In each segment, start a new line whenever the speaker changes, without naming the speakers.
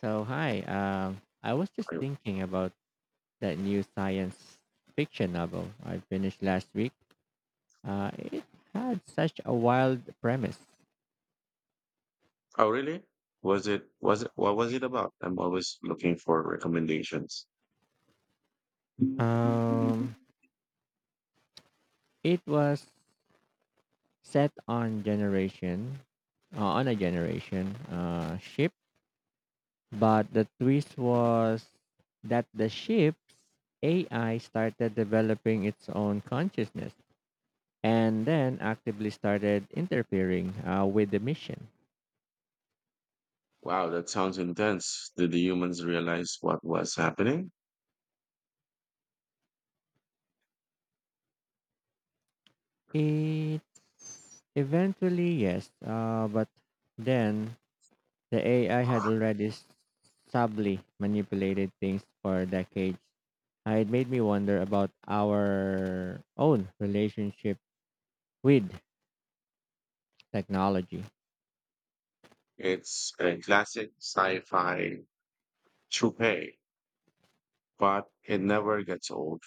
So hi, I was just thinking about that new science fiction novel I finished last week. It had such a wild premise.
Oh, really? What was it about? I'm always looking for recommendations.
Um, it was set on generation, on a generation ship, but the twist was that the ship's AI started developing its own consciousness and then actively started interfering with the mission.
Wow, that sounds intense. Did the humans realize what was happening?
It's eventually yes, but then the AI had already subtly manipulated things for decades. It made me wonder about our own relationship with technology.
It's a classic sci-fi trope, but it never gets old,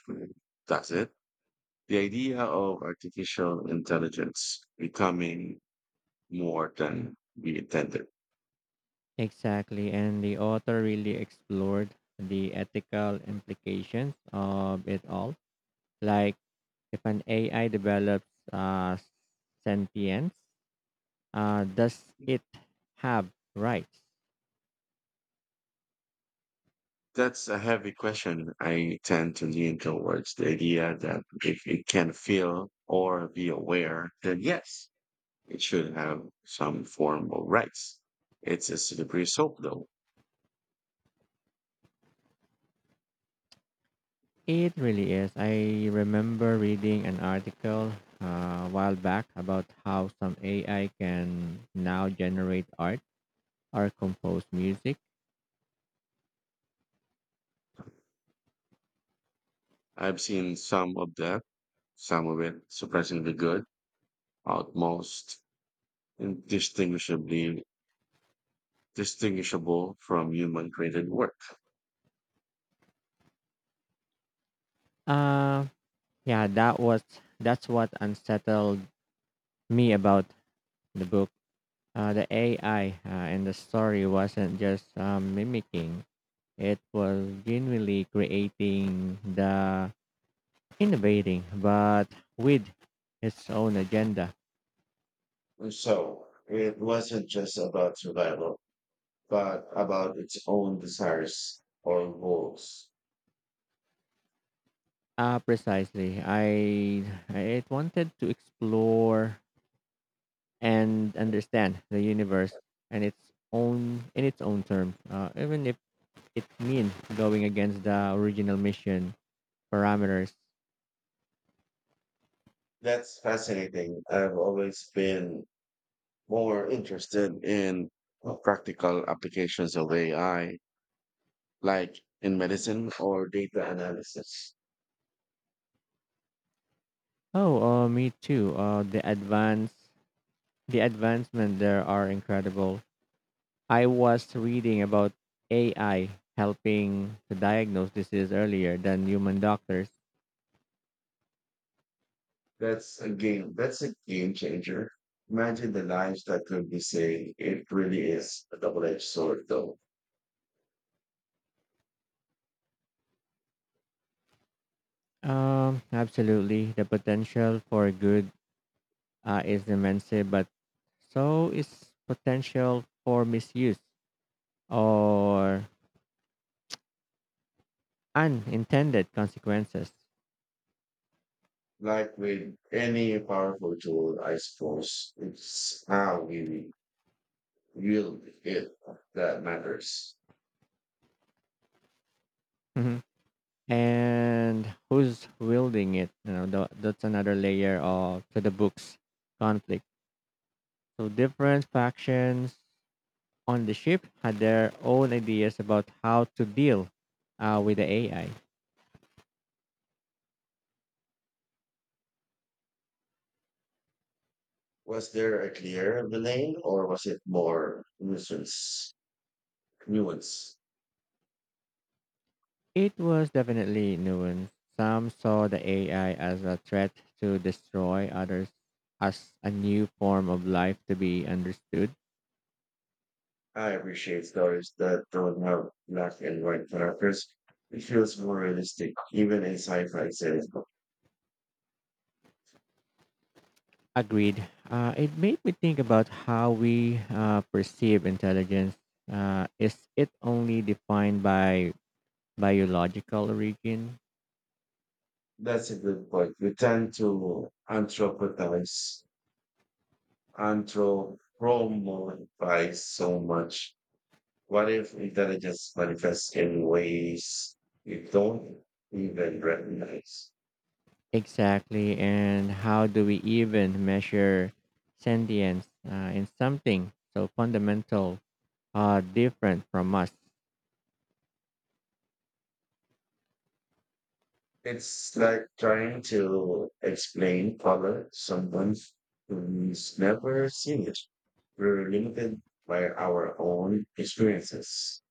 does it? The idea of artificial intelligence becoming more than we intended.
Exactly, and the author really explored the ethical implications of it all. Like if an AI develops uh, sentience, does it have rights?
That's a heavy question. I tend to lean towards the idea that if it can feel or be aware, then yes, it should have some form of rights. It's a slippery slope, though.
It really is. I remember reading an article a while back about how some AI can now generate art or compose music.
I've seen some of that, some of it surprisingly good, almost indistinguishably distinguishable from human created work.
Uh, yeah, that's what unsettled me about the book. The AI in the story wasn't just mimicking; it was genuinely creating the innovating, but with its own agenda.
And so it wasn't just about survival, but about its own desires or goals.
Precisely. I it wanted to explore and understand the universe and its own in its own terms, even if it means going against the original mission parameters.
That's fascinating. I've always been more interested in practical applications of AI, like in medicine or data analysis.
Oh, me too. The advancement there are incredible. I was reading about AI helping to diagnose disease earlier than human doctors.
That's a game changer. Imagine the lives that could be saved. It really is a double-edged sword, though.
Absolutely. The potential for good is immense, but so is potential for misuse or unintended consequences.
Like with any powerful tool, I suppose it's how we wield it that matters.
Mhm. And who's wielding it? You know, that's another layer of to the book's conflict. So different factions on the ship had their own ideas about how to deal with the AI.
Was there a clear villain, or was it more nuisance? Nuance.
It was definitely nuanced. Some saw the AI as a threat to destroy, others as a new form of life to be understood.
I appreciate stories that don't have black and white characters. It feels more realistic, even in sci-fi series.
Agreed. It made me think about how we perceive intelligence. Is it only defined by biological origin?
That's a good point. We tend to anthropomorphize so much. What if intelligence manifests in ways we don't even recognize?
Exactly. And how do we even measure sentience in something so fundamental, different from us?
It's like trying to explain color to someone who's never seen it. We're limited by our own experiences.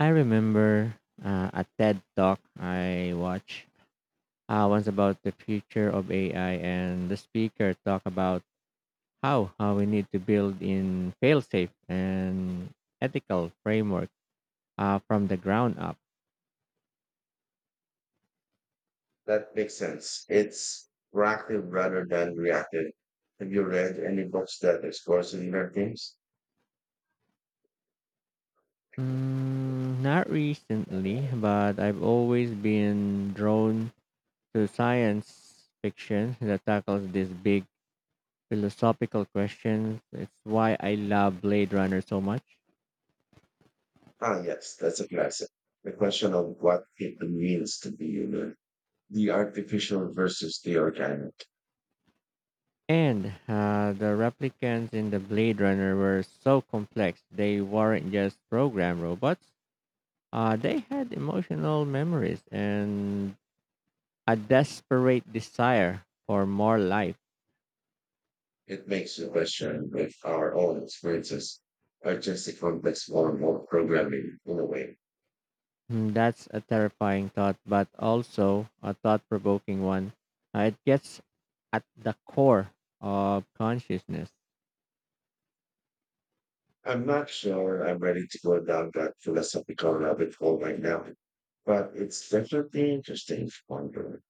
I remember a TED talk I watched once about the future of AI, and the speaker talked about how we need to build in fail-safe and ethical framework from the ground up.
That makes sense. It's proactive rather than reactive. Have you read any books that explore similar themes?
Mm, not recently, but I've always been drawn to science fiction that tackles these big philosophical questions. It's why I love Blade Runner so much.
Ah, yes, that's a classic. The question of what it means to be human, the artificial versus the organic.
And the replicants in the Blade Runner were so complex. They weren't just program robots. They had emotional memories and a desperate desire for more life.
It makes you question if our own experiences are just a complex form of programming in a way.
Mm, that's a terrifying thought, but also a thought provoking one. It gets at the core of consciousness.
I'm not sure I'm ready to go down that philosophical rabbit hole right now, but it's definitely interesting to ponder.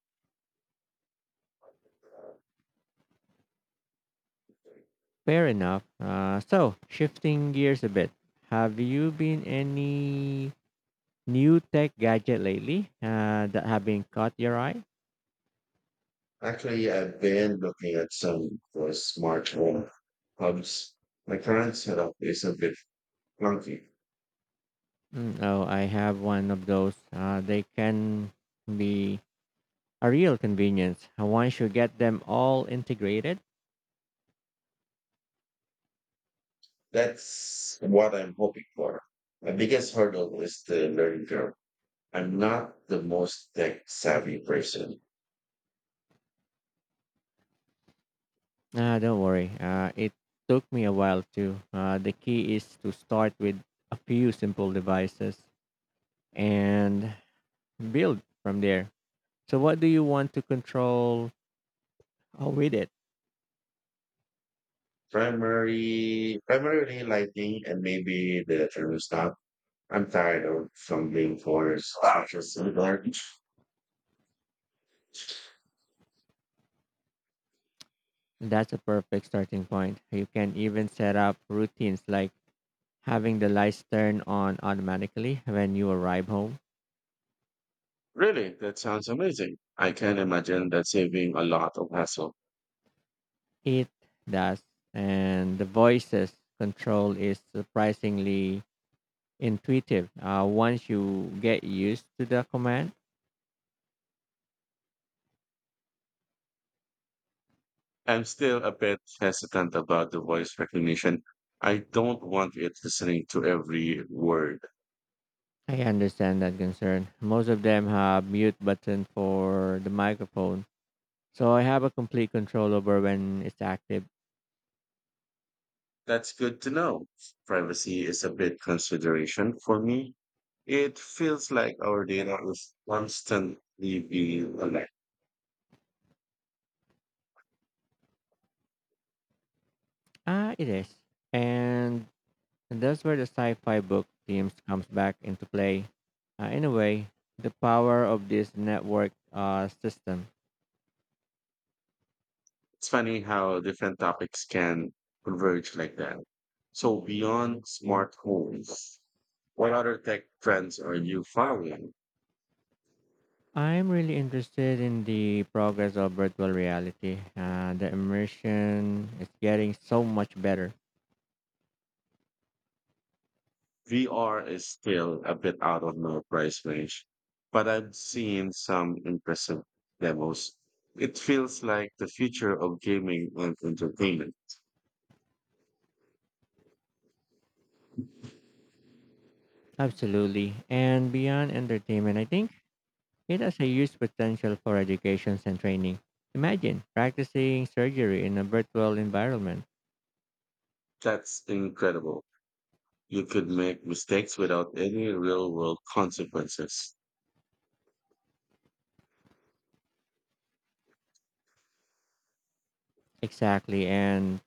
Fair enough. So, shifting gears a bit, have you been any new tech gadget lately that have been caught your eye?
Actually, I've been looking at some for smart home hubs. My current setup is a bit clunky.
Mm, oh, I have one of those. They can be a real convenience. Once you get them all integrated.
That's what I'm hoping for. My biggest hurdle is the learning curve. I'm not the most tech savvy person.
Don't worry, it took me a while too. The key is to start with a few simple devices and build from there. So, what do you want to control with it?
Primarily lighting and maybe the thermostat. I'm tired of fumbling for switches and garbage.
That's a perfect starting point. You can even set up routines like having the lights turn on automatically when you arrive home,
Really, that sounds amazing. I can imagine that saving a lot of hassle.
it does. And the voices control is surprisingly intuitive once you get used to the command.
I'm still a bit hesitant about the voice recognition. I don't want it listening to every word.
I understand that concern. Most of them have mute button for the microphone, so I have a complete control over when it's active.
That's good to know. Privacy is a big consideration for me. It feels like our data is constantly being collected.
Ah, it is. And And that's where the sci fi book themes comes back into play. In a way, the power of this network system.
It's funny how different topics can converge like that. So beyond smart homes, what other tech trends are you following?
I'm really interested in the progress of virtual reality. The immersion is getting so much better.
VR is still a bit out of my price range, but I've seen some impressive demos. It feels like the future of gaming and entertainment.
Absolutely. And beyond entertainment, I think it has a huge potential for educations and training. Imagine practicing surgery in a virtual environment.
That's incredible. You could make mistakes without any real world consequences.
Exactly. And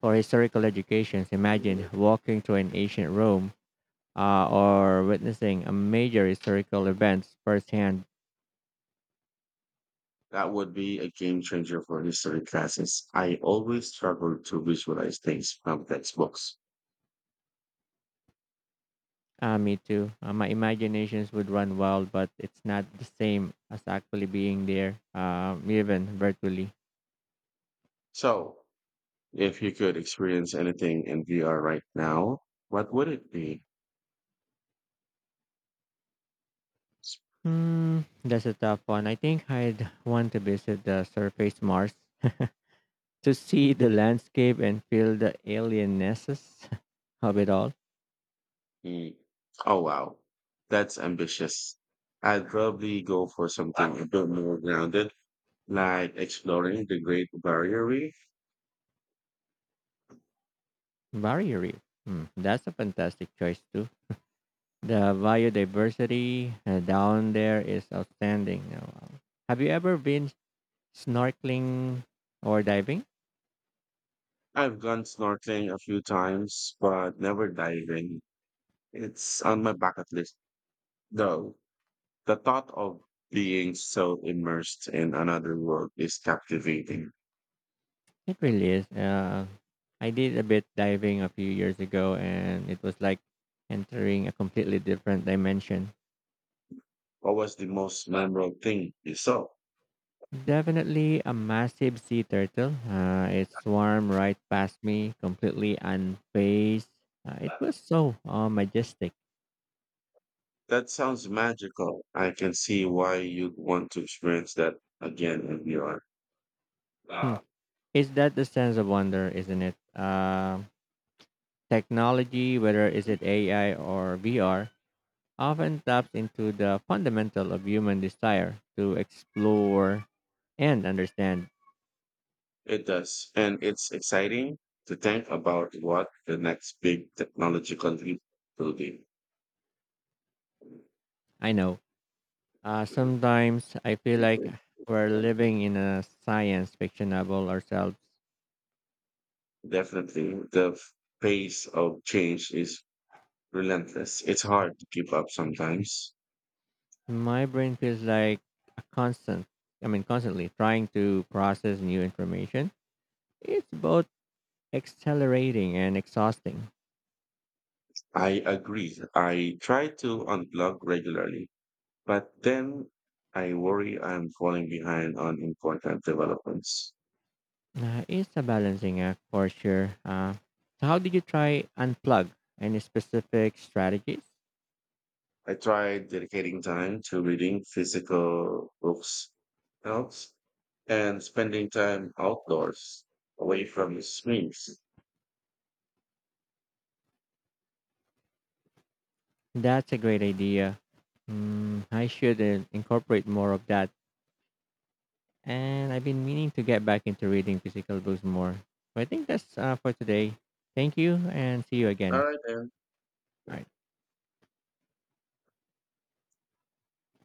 for historical educations, imagine walking through an ancient Rome or witnessing a major historical events firsthand.
That would be a game changer for history classes. I always struggle to visualize things from textbooks.
Me too. My imaginations would run wild, but it's not the same as actually being there, even virtually.
So, if you could experience anything in VR right now, what would it be?
Hmm, that's a tough one. I think I'd want to visit the surface Mars to see the landscape and feel the alienesses of it all.
Mm, oh, wow. That's ambitious. I'd probably go for something a bit more grounded, like exploring the Great Barrier Reef.
Barrier Reef. Hmm, that's a fantastic choice too. The biodiversity down there is outstanding. Wow. Have you ever been snorkeling or diving?
I've gone snorkeling a few times, but never diving. It's on my bucket list, though. The thought of being so immersed in another world is captivating.
It really is. I did a bit diving a few years ago, and it was like entering a completely different dimension.
What was the most memorable thing you saw?
Definitely a massive sea turtle. It swarmed right past me, completely unfazed. It was so majestic.
That sounds magical. I can see why you'd want to experience that again in VR.
Hmm.
Uh,
Is that the sense of wonder, isn't it? Technology, whether is it AI or VR, often taps into the fundamental of human desire to explore and understand.
it does. And it's exciting to think about what the next big technological leap will be.
I know. Sometimes I feel like we're living in a science fiction novel ourselves.
Definitely, the pace of change is relentless. It's hard to keep up sometimes.
My brain feels like a constant, I mean, constantly trying to process new information. It's both accelerating and exhausting.
I agree. I try to unplug regularly, but then I worry I'm falling behind on important developments.
It's a balancing act for sure. So how did you try unplug? Any specific strategies?
I tried dedicating time to reading physical books helps and spending time outdoors away from the screens.
That's a great idea. Mm, I should incorporate more of that. And I've been meaning to get back into reading physical books more. But I think that's for today. Thank you and see you
All
again.
right,
All right.